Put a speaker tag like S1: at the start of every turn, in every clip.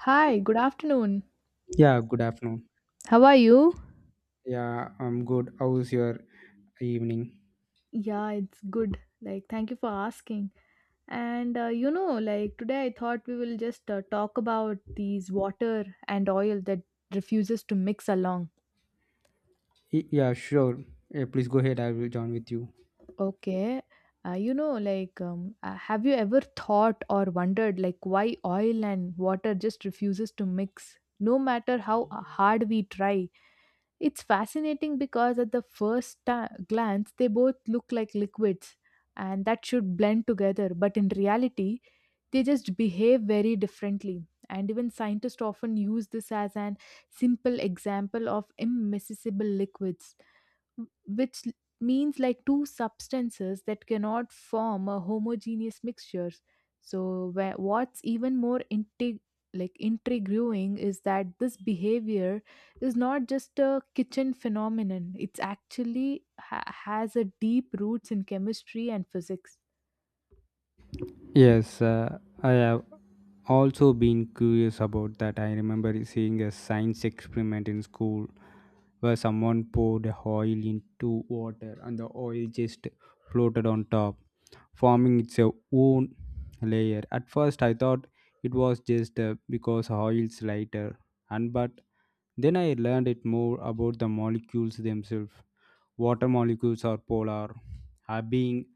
S1: Hi, good afternoon.
S2: Yeah, good afternoon.
S1: How are you?
S2: Yeah, I'm good. How's your evening?
S1: Yeah, it's good. Like, thank you for asking. And like today I thought we will just talk about these water and oil that refuses to mix along.
S2: Yeah, sure. Yeah, please go ahead. I will join with you.
S1: Okay. Have you ever thought or wondered, like, why oil and water just refuses to mix, no matter how hard we try? It's fascinating because at the glance, they both look like liquids and that should blend together, but in reality, they just behave very differently. And even scientists often use this as an simple example of immiscible liquids which l- means like two substances that cannot form a homogeneous mixture. What's even like intriguing is that this behavior is not just a kitchen phenomenon. It's has a deep roots in chemistry and physics.
S2: Yes, I have also been curious about that. I remember seeing a science experiment in school where someone poured oil into water, and the oil just floated on top, forming its own layer. At first, I thought it was just because oil's lighter, and but then I learned it more about the molecules themselves. Water molecules are polar, are being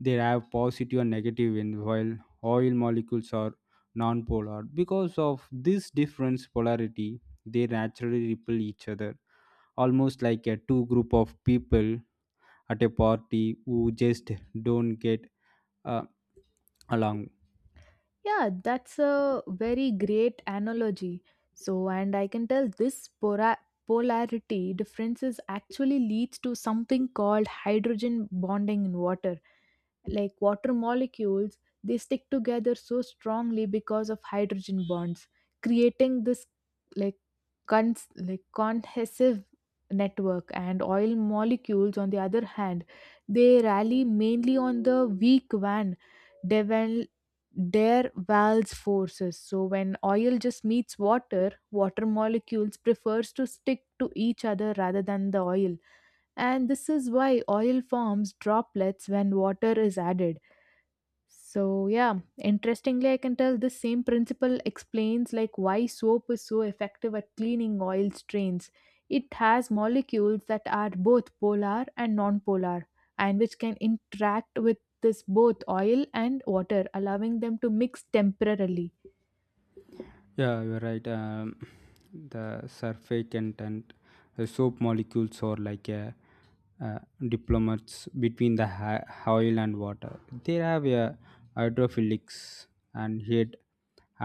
S2: they have positive and negative end, while oil molecules are non-polar. Because of this difference polarity, they naturally repel each other, almost like a two group of people at a party who just don't get uh, along.
S1: Yeah, that's a very great analogy. So, and I can tell this polarity differences actually leads to something called hydrogen bonding in water, like water molecules, they stick together so strongly because of hydrogen bonds, creating this like like cohesive network. And oil molecules, on the other hand, they rally mainly on the weak van devel their valves forces. So when oil just meets water, water molecules prefers to stick to each other rather than the oil, and this is why oil forms droplets when water is added. So yeah, interestingly, I can tell this same principle explains like why soap is so effective at cleaning oil stains. It has molecules that are both polar and nonpolar, and which can interact with this both oil and water, allowing them to mix temporarily.
S2: Yeah, you're right. The surfactant and the soap molecules are like a uh, diplomats between the oil and water. They have a hydrophilics and yet.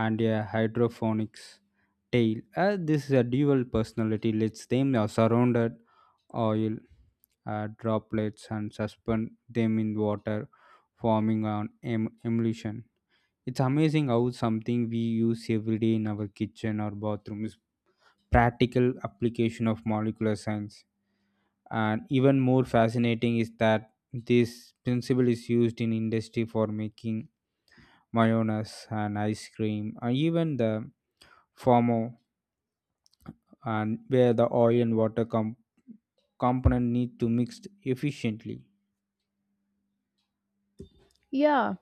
S2: And a hydroponics tail. This is a dual personality lets them are surrounded oil droplets and suspend them in water, forming an emulsion. It's amazing how something we use every day in our kitchen or bathroom is practical application of molecular science. And even more fascinating is that this principle is used in industry for making mayonnaise and ice cream, and even the formo and where the oil and water component need to mix efficiently.
S1: Yeah,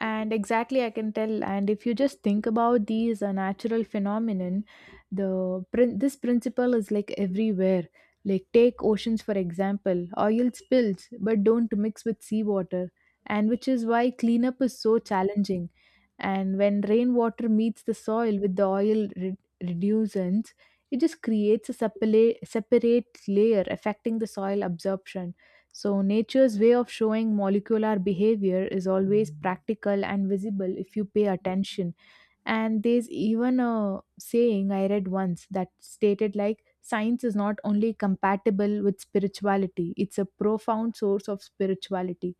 S1: and exactly I can tell, and if you just think about these natural phenomenon, this principle is like everywhere. Like take oceans for example, oil spills but don't mix with seawater, and which is why cleanup is so challenging. And when rainwater meets the soil with the reducents, it just creates a separate layer affecting the soil absorption. So, nature's way of showing molecular behavior is always practical and visible if you pay attention. And there's even a saying I read once that stated like, science is not only compatible with spirituality, it's a profound source of spirituality.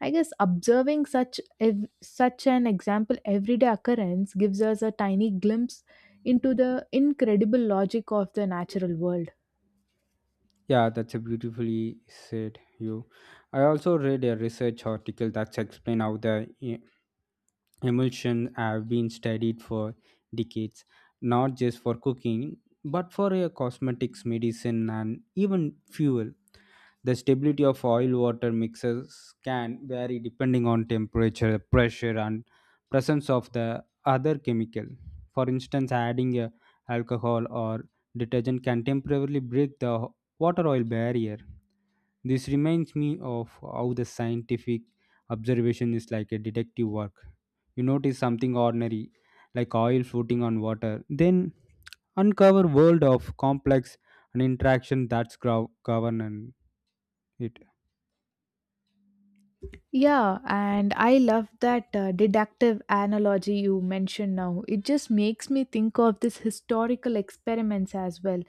S1: I guess observing such an example everyday occurrence gives us a tiny glimpse into the incredible logic of the natural world.
S2: Yeah, that's a beautifully said you I also read a research article that's explain how the emulsions have been studied for decades, not just for cooking but for a cosmetics, medicine, and even fuel. The stability of oil water mixes can vary depending on temperature, pressure, and presence of the other chemical. For instance, adding a alcohol or detergent can temporarily break the water oil barrier. This reminds me of how the scientific observation is like a detective work. You notice something ordinary, like oil floating on water, then uncover world of complex and interaction that's govern it.
S1: Yeah, and I love that deductive analogy you mentioned now. It just makes me think of this historical experiments as well.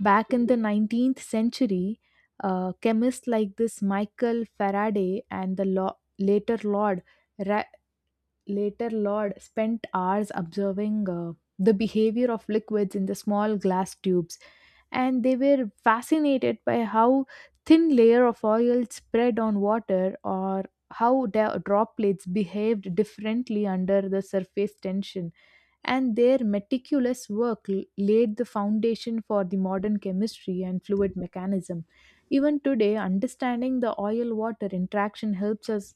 S1: Back in the 19th century, chemists like this Michael Faraday and the lo- later Lord Ra- later Lord spent hours observing the behavior of liquids in the small glass tubes, and they were fascinated by how thin layer of oil spread on water, or how droplets behaved differently under the surface tension. And their laid the foundation for the modern chemistry and fluid mechanism. Even today, understanding the oil water interaction helps us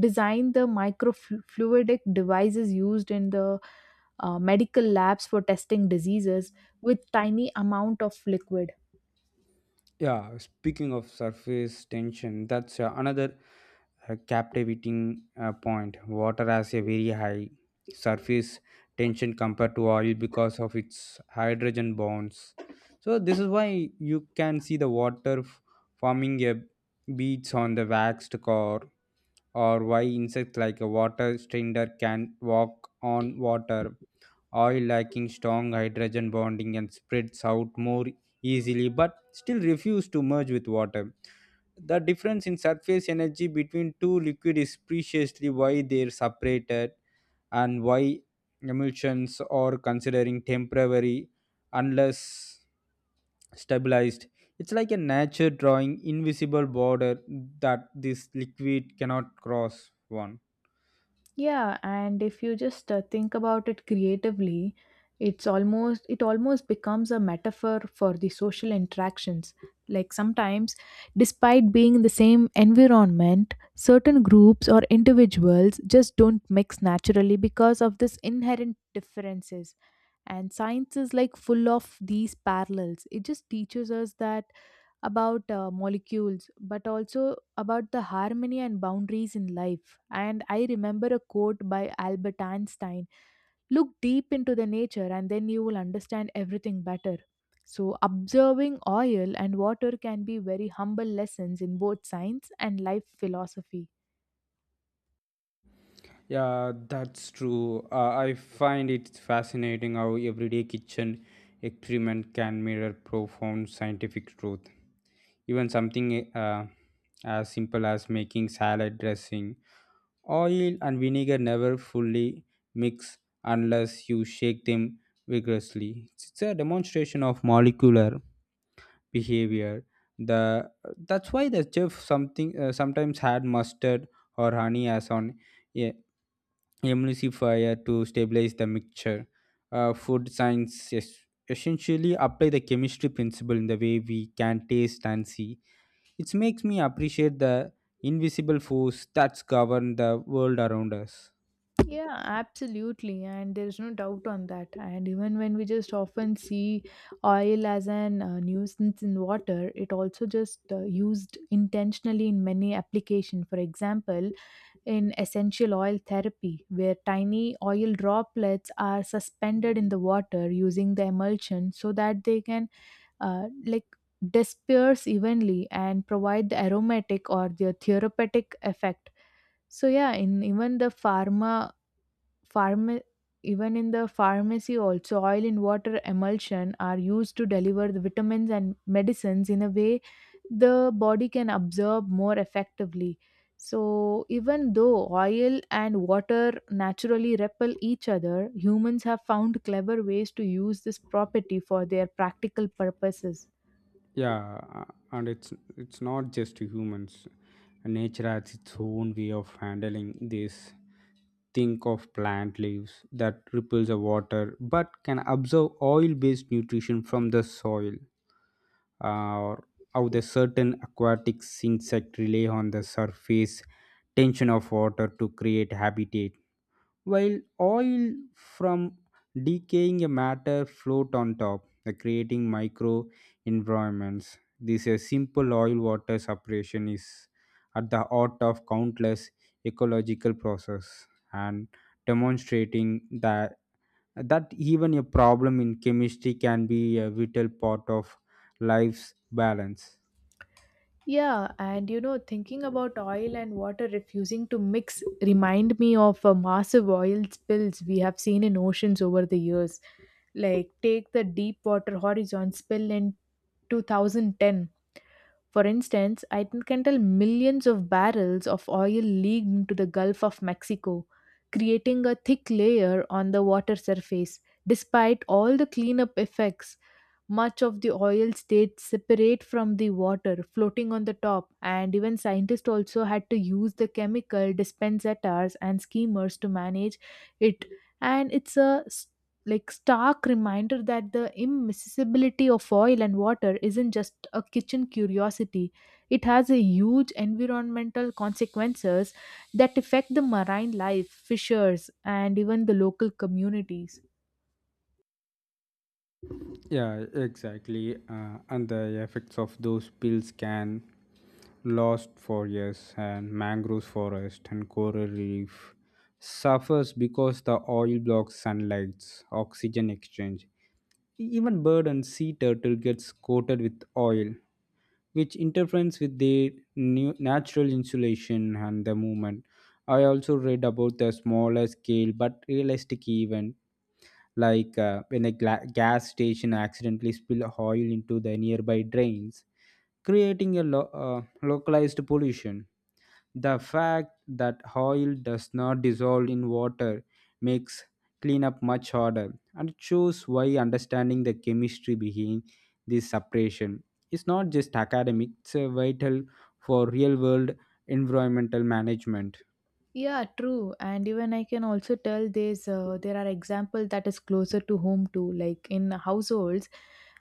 S1: design the microfluidic devices used in the medical labs for testing diseases with tiny amount of liquid.
S2: Yeah, speaking of surface tension, that's another captivating point. Water has a very high surface tension compared to oil because of its hydrogen bonds. So, this is why you can see the water forming a beach on the waxed core, or why insects like a water strider can walk on water, oil lacking strong hydrogen bonding and spreads out more easily but still refuse to merge with water. The difference in surface energy between two liquids is preciously why they're separated, and why emulsions are considering temporary unless stabilized. It's like a nature drawing invisible border that this liquid cannot cross one.
S1: Yeah, and if you just think about it creatively, it almost becomes a metaphor for the social interactions. Like sometimes, despite being in the same environment, certain groups or individuals just don't mix naturally because of this inherent differences. And science is like full of these parallels. It just teaches us that about molecules, but also about the harmony and boundaries in life. And I remember a quote by Albert Einstein, look deep into the nature and then you will understand everything better. So, observing oil and water can be very humble lessons in both science and life philosophy.
S2: Yeah, that's true. I find it fascinating how everyday kitchen experiment can mirror profound scientific truth. Even something as simple as making salad dressing, oil and vinegar never fully mix unless you shake them vigorously. It's a demonstration of molecular behavior. The that's why the chef something sometimes had mustard or honey as on, yeah, emulsifier to stabilize the mixture. Food science essentially apply the chemistry principle in the way we can taste and see. It makes me appreciate the invisible force that's govern the world around us.
S1: Yeah, absolutely. And there's no doubt on that. And even when we just often see oil as an nuisance in water, it also just used intentionally in many applications. For example, in essential oil therapy, where tiny oil droplets are suspended in the water using the emulsion so that they can uh, like disperse evenly and provide the aromatic or the therapeutic effect. So yeah, in even Pharma- even in the pharmacy also oil in water emulsion are used to deliver the vitamins and medicines in a way the body can absorb more effectively. So even though oil and water naturally repel each other, humans have found clever ways to use this property for their practical purposes.
S2: Yeah, and it's not just humans. Nature has its own way of handling this. Think of plant leaves that ripples the water, but can absorb oil-based nutrition from the soil, uh, or how the certain aquatic insect rely on the surface tension of water to create habitat, while oil from decaying matter float on top, creating micro environments. This a simple oil water separation is at the heart of countless ecological process and demonstrating the that even a problem in chemistry can be a vital part of life's balance.
S1: Yeah, and you know, thinking about oil and water refusing to mix remind me of massive oil spills we have seen in oceans over the years. Like take the deep water horizon spill in 2010. For instance, can tell millions of barrels of oil leaked into the Gulf of Mexico, creating a thick layer on the water surface, despite all the cleanup effects. Much of the oil stayed separate from the water, floating on the top, and even scientists also had to use the chemical dispensators and skimmers to manage it. And like stark reminder that the immiscibility of oil and water isn't just a kitchen curiosity. It has a huge environmental consequences that affect the marine life, fishers, and even the local communities.
S2: Yeah, exactly. And the effects of those pills can last for years, and mangroves forest and coral reef suffers because the oil blocks sunlight oxygen exchange. Even bird and sea turtle gets coated with oil, which interferes with their new natural insulation and the movement. I also read about the smaller scale but realistic event, like when a gas station accidentally spill oil into the nearby drains, creating a localized pollution. The fact that oil does not dissolve in water makes cleanup much harder, and it shows why understanding the chemistry behind this separation is not just academic, it's vital for real world environmental management.
S1: Yeah, true. And even I can also tell there's there are examples that is closer to home too, like in households,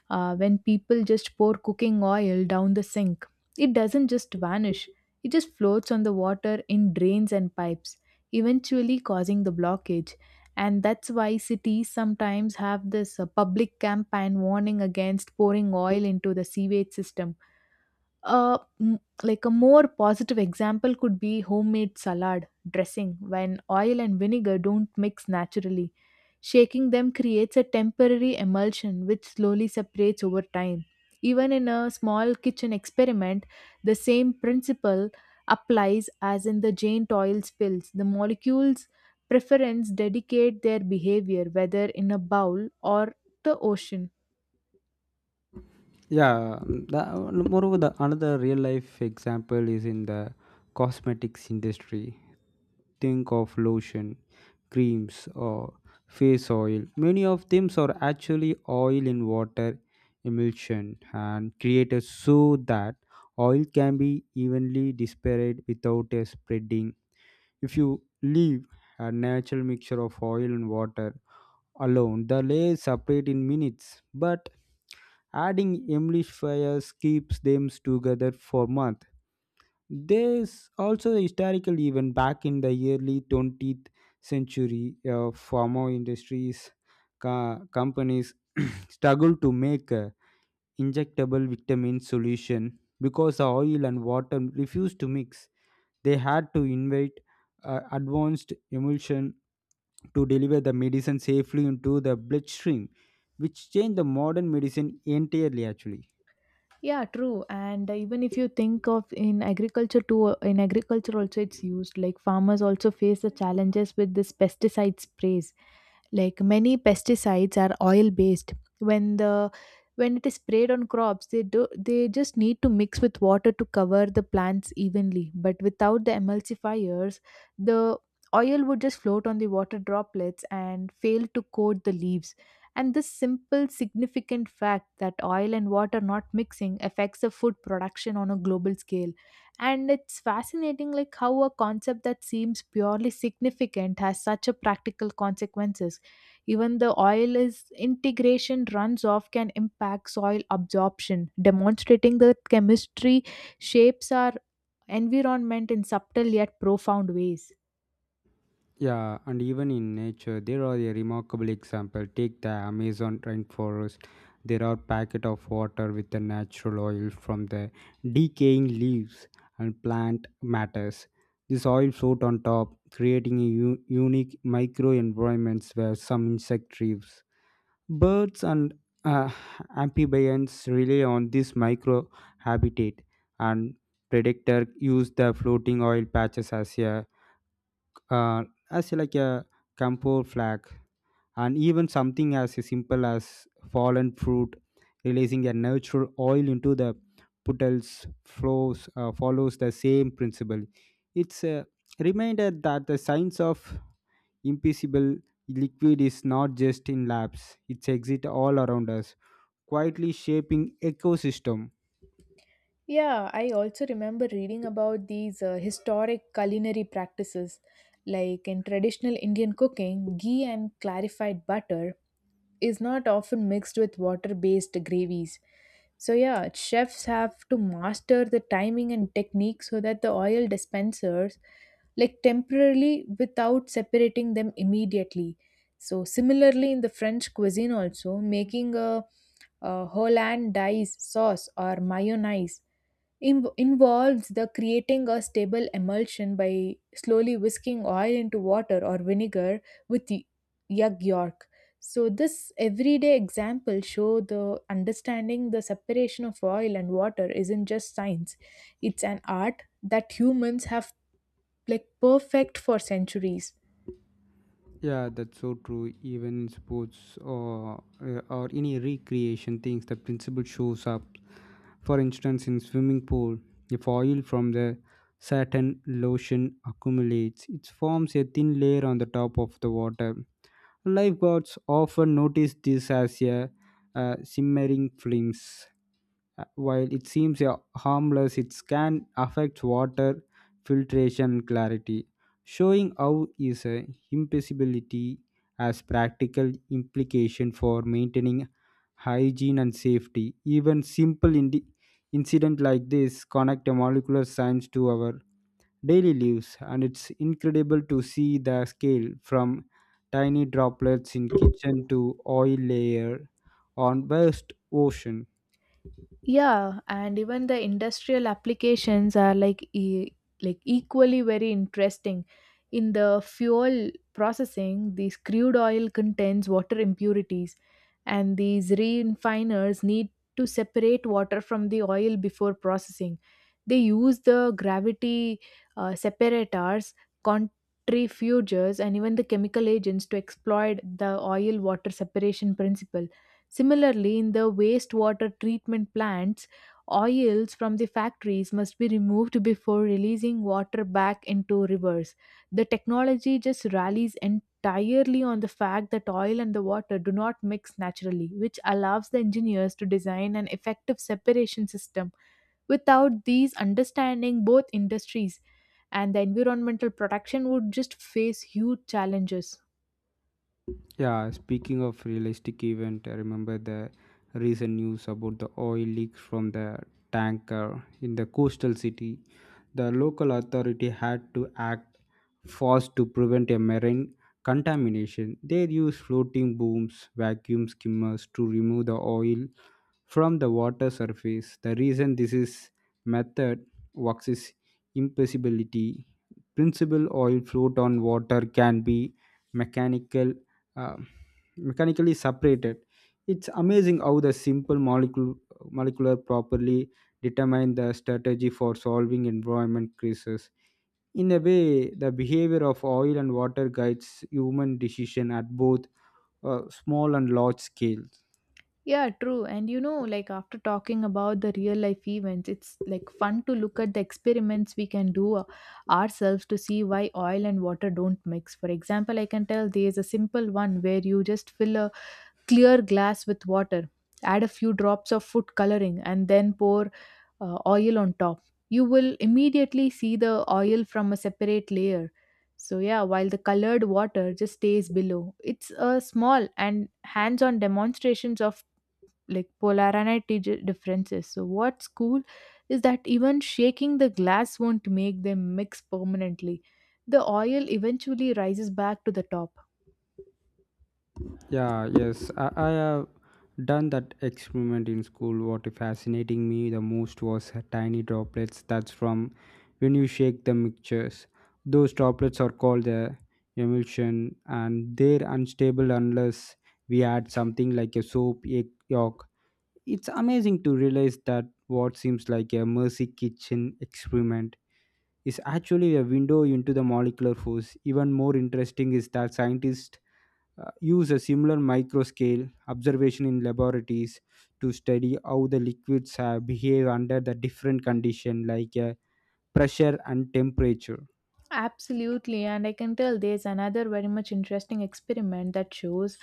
S1: when people just pour cooking oil down the sink, it doesn't just vanish. It just floats on the water in drains and pipes, eventually causing the blockage. And that's why cities sometimes have this public campaign warning against pouring oil into the sewage system. Like a more positive example could be homemade salad dressing, when oil and vinegar don't mix naturally. Shaking them creates a temporary emulsion which slowly separates over time. Even in a small kitchen experiment, the same principle applies as in the Jane oil spills. The molecules preference dedicate their behavior whether in a bowl or the ocean.
S2: Yeah, the, moreover, the another real life example is in the cosmetics industry. Think of lotion, creams, or face oil. Many of them are actually oil in water emulsion and created so that oil can be evenly dispersed without a spreading. If you leave a natural mixture of oil and water alone, the layers separate in minutes, but adding emulsifiers keeps them together for months. There's also a historical event back in the early 20th century. Pharma industries companies struggled to make a injectable vitamin solution because the oil and water refused to mix. They had to invent advanced emulsion to deliver the medicine safely into the bloodstream, which changed the modern medicine entirely actually.
S1: Yeah, true. And even if you think of in agriculture too, in agriculture also it's used. Like farmers also face the challenges with this pesticide sprays, like many pesticides are oil based. When it is sprayed on crops, they do they just need to mix with water to cover the plants evenly, but without the emulsifiers, the oil would just float on the water droplets and fail to coat the leaves. And this simple significant fact that oil and water not mixing affects the food production on a global scale, and it's fascinating like how a concept that seems purely significant has such a practical consequences. Even the oil is integration runs off can impact soil absorption, demonstrating that chemistry shapes our environment in subtle yet profound ways.
S2: Yeah, and even in nature, there are a remarkable example. Take the Amazon rainforest. There are packet of water with the natural oil from the decaying leaves and plant matters. This oil float on top, creating a unique microenvironments where some insect thrives. Birds and uh, amphibians rely on this microhabitat, and predator use the floating oil patches as a uh, as like a camphor flag, and even something as simple as fallen fruit, releasing a natural oil into the puddles flows follows the same principle. It's a reminder that the science of invisible liquid is not just in labs, it exists all around us, quietly shaping ecosystem.
S1: Yeah, I also remember reading about these historic culinary practices. Like in traditional Indian cooking, ghee and clarified butter is not often mixed with water based gravies. So, yeah, chefs have to master the timing and technique so that the oil dispensers like temporarily without separating them immediately. So, similarly, in the French cuisine, also making a Hollandaise sauce or mayonnaise involves the creating a stable emulsion by slowly whisking oil into water or vinegar with yug yolk. So this everyday example show the understanding the separation of oil and water isn't just science, it's an art that humans have like perfect for centuries.
S2: Yeah, that's so true. Even in sports, or any recreation things, the principle shows up. For instance, in swimming pool, if oil from the certain lotion accumulates, it forms a thin layer on the top of the water. Lifeguards often notice this as a simmering flames. While it seems harmless, it can affect water filtration clarity, showing how is a impossibility has practical implication for maintaining hygiene and safety. Even simple incident like this connect a molecular science to our daily lives, and it's incredible to see the scale from tiny droplets in kitchen to oil layer on vast ocean.
S1: Yeah, and even the industrial applications are like like equally very interesting. In the fuel processing, this crude oil contains water impurities, and these refiners need to separate water from the oil before processing. They use the gravity separators, centrifuges, and even the chemical agents to exploit the oil water separation principle. Similarly, in the wastewater treatment plants, oils from the factories must be removed before releasing water back into rivers. The technology just rallies entirely on the fact that oil and the water do not mix naturally, which allows the engineers to design an effective separation system. Without these understanding, both industries and the environmental protection would just face huge challenges.
S2: Yeah, speaking of realistic event, I remember the recent news about the oil leaks from the tanker in the coastal city. The local authority had to act fast to prevent a marine contamination. They used floating booms, vacuum skimmers to remove the oil from the water surface. The reason this is method works is impossibility. Principal oil float on water can be mechanical, uh, mechanically separated. It's amazing how the simple molecular properly determine the strategy for solving environment crisis. In a way, the behavior of oil and water guides human decision at both small and large scales.
S1: Yeah, true. And you know, like after talking about the real life events, it's like fun to look at the experiments we can do ourselves to see why oil and water don't mix. For example, I can tell there is a simple one where you just fill a clear glass with water, add a few drops of food coloring, and then pour oil on top. You will immediately see the oil from a separate layer. So, yeah, while the colored water just stays below. It's a small and hands on demonstrations of like differences. So what's cool is that even shaking the glass won't make them mix permanently. The oil eventually rises back to the top.
S2: Yeah, yes, I have done that experiment in school. What fascinating me the most was tiny droplets. That's from when you shake the mixtures. Those droplets are called the emulsion, and they're unstable unless we add something like a soap egg yolk. It's amazing to realize that what seems like a mercy kitchen experiment is actually a window into the molecular force. Even more interesting is that scientists use a similar microscale observation in laboratories to study how the liquids behave under the different condition, like pressure and temperature.
S1: Absolutely, and I can tell there's another very much interesting experiment that shows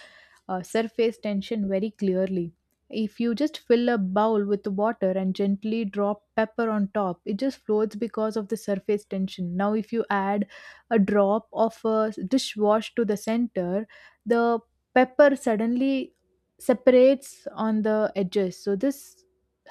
S1: surface tension very clearly. If you just fill a bowl with water and gently drop pepper on top, it just floats because of the surface tension. Now, if you add a drop of a dishwash to the center, the pepper suddenly separates on the edges. So, this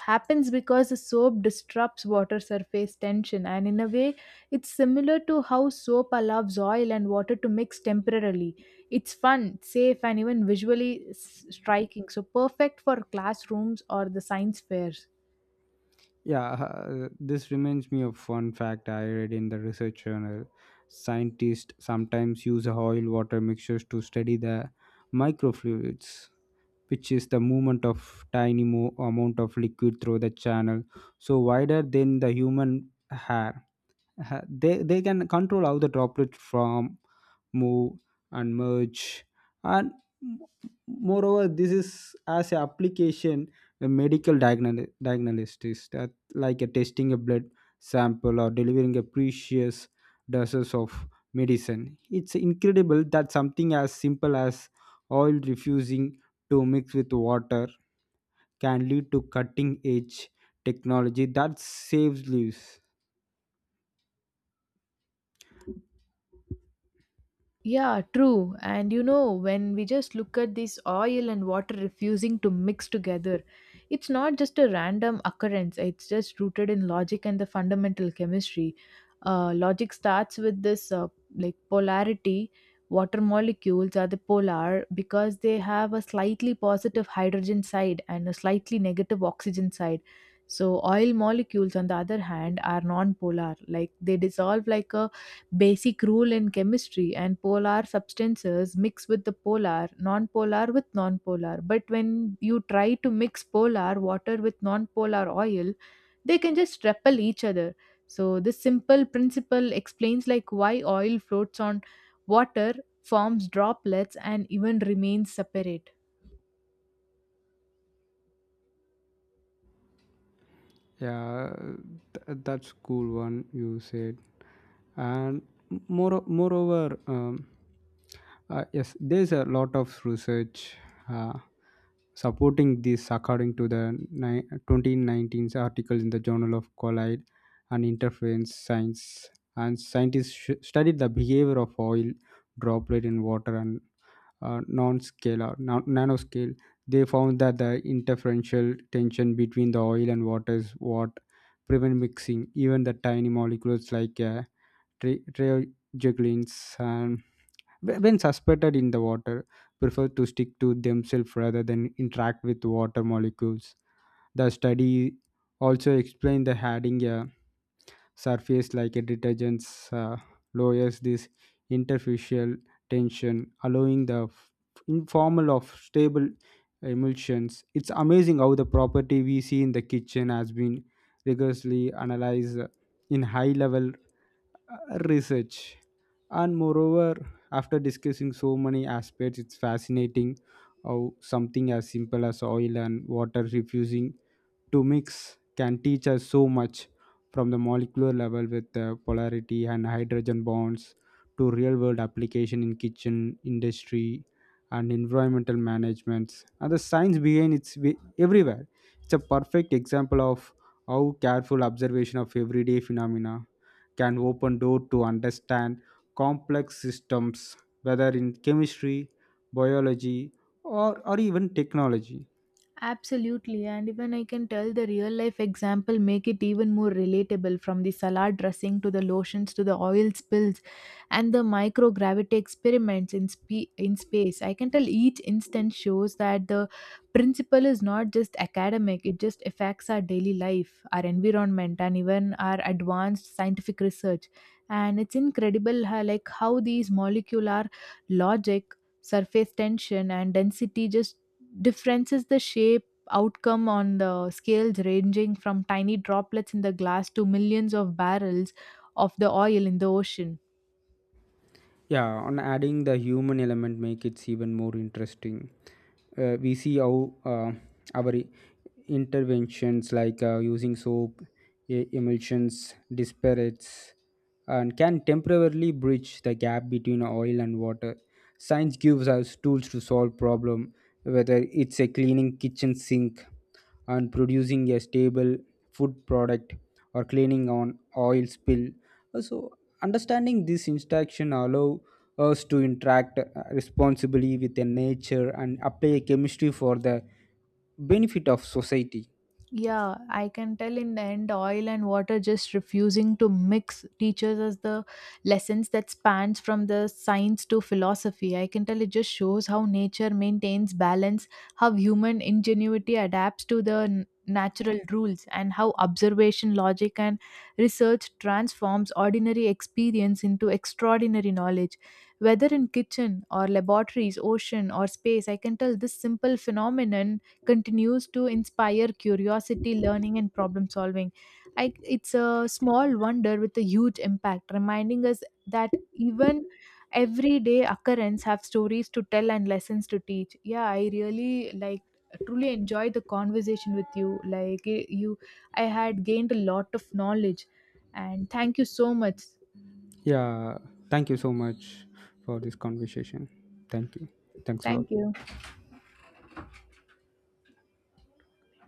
S1: happens because the soap disrupts water surface tension, and in a way, it's similar to how soap allows oil and water to mix temporarily. It's fun, safe, and even striking, so perfect for classrooms or the science fairs.
S2: Yeah, this reminds me of one fact I read in the research journal. Scientists sometimes use oil water mixtures to study the microfluids, which is the movement of tiny amount of liquid through the channel, so wider than the human hair. They can control how the droplet from move and merge, and m- moreover, this is as an application a medical diagnosis is that like a testing a blood sample or delivering a precious doses of medicine. It's incredible that something as simple as oil refusing to mix with water can lead to cutting edge technology that saves lives.
S1: Yeah, true. And you know, when we just look at this oil and water refusing to mix together, it's not just a random occurrence, it's just rooted in logic and the fundamental chemistry. Logic starts with this like polarity. Water molecules are the polar because they have a slightly positive hydrogen side and a slightly negative oxygen side. So, oil molecules, on the other hand, are non polar, like they dissolve like a basic rule in chemistry, and polar substances mix with the polar, nonpolar with nonpolar, but when you try to mix polar water with nonpolar oil, they can just repel each other. So this simple principle explains like why oil floats on water, forms droplets, and even remains separate.
S2: Yeah, that's cool one you said. And moreover, yes, there's a lot of research uh, supporting this. According to the 2019's article in the journal of collide and interference science, and scientists studied the behavior of oil droplet in water and non-scalar nanoscale. They found that the interferential tension between the oil and water is what prevent mixing. Even the tiny molecules like trioxyglins, and when suspended in the water, prefer to stick to themselves rather than interact with water molecules. The study also explained the adding a surface like a detergent uh, lowers this interfacial tension, allowing the informal of stable emulsions. It's amazing how the property we see in the kitchen has been rigorously analyzed in high level research. And moreover, after discussing so many aspects, it's fascinating how something as simple as oil and water refusing to mix can teach us so much, from the molecular level with the polarity and hydrogen bonds to real world application in kitchen industry and environmental management. And the science behind it's everywhere. It's a perfect example of how careful observation of everyday phenomena can open door to understand complex systems, whether in chemistry, biology, or even technology.
S1: Absolutely, and even I can tell the real life example make it even more relatable, from the salad dressing to the lotions to the oil spills and the microgravity experiments in in space. I can tell each instance shows that the principle is not just academic, it just affects our daily life, our environment, and even our advanced scientific research. And it's incredible how, like how these molecular logic, surface tension, and density just differences the shape outcome on the scales ranging from tiny droplets in the glass to millions of barrels of the oil in the ocean.
S2: Yeah, on adding the human element make it even more interesting. We see how our interventions, like using soap emulsions disparates, and can temporarily bridge the gap between oil and water. Science gives us tools to solve problem, whether it's a cleaning kitchen sink and producing a stable food product or cleaning on oil spill. So understanding this interaction allow us to interact responsibly with the nature and apply a chemistry for the benefit of society.
S1: Yeah, I can tell in the end, oil and water just refusing to mix teaches us the lessons that spans from the science to philosophy. I can tell it just shows how nature maintains balance, how human ingenuity adapts to the natural rules, and how observation, logic, and research transforms ordinary experience into extraordinary knowledge. Whether in kitchen or laboratories, ocean or space, I can tell this simple phenomenon continues to inspire curiosity, learning, and problem solving. It's a small wonder with a huge impact, reminding us that even everyday occurrence have stories to tell and lessons to teach. Yeah, I really like truly enjoyed the conversation with you. Like you, I had gained a lot of knowledge, and thank you so much.
S2: Yeah, thank you so much for this conversation. Thank you. Thanks a
S1: Thank
S2: lot.
S1: you.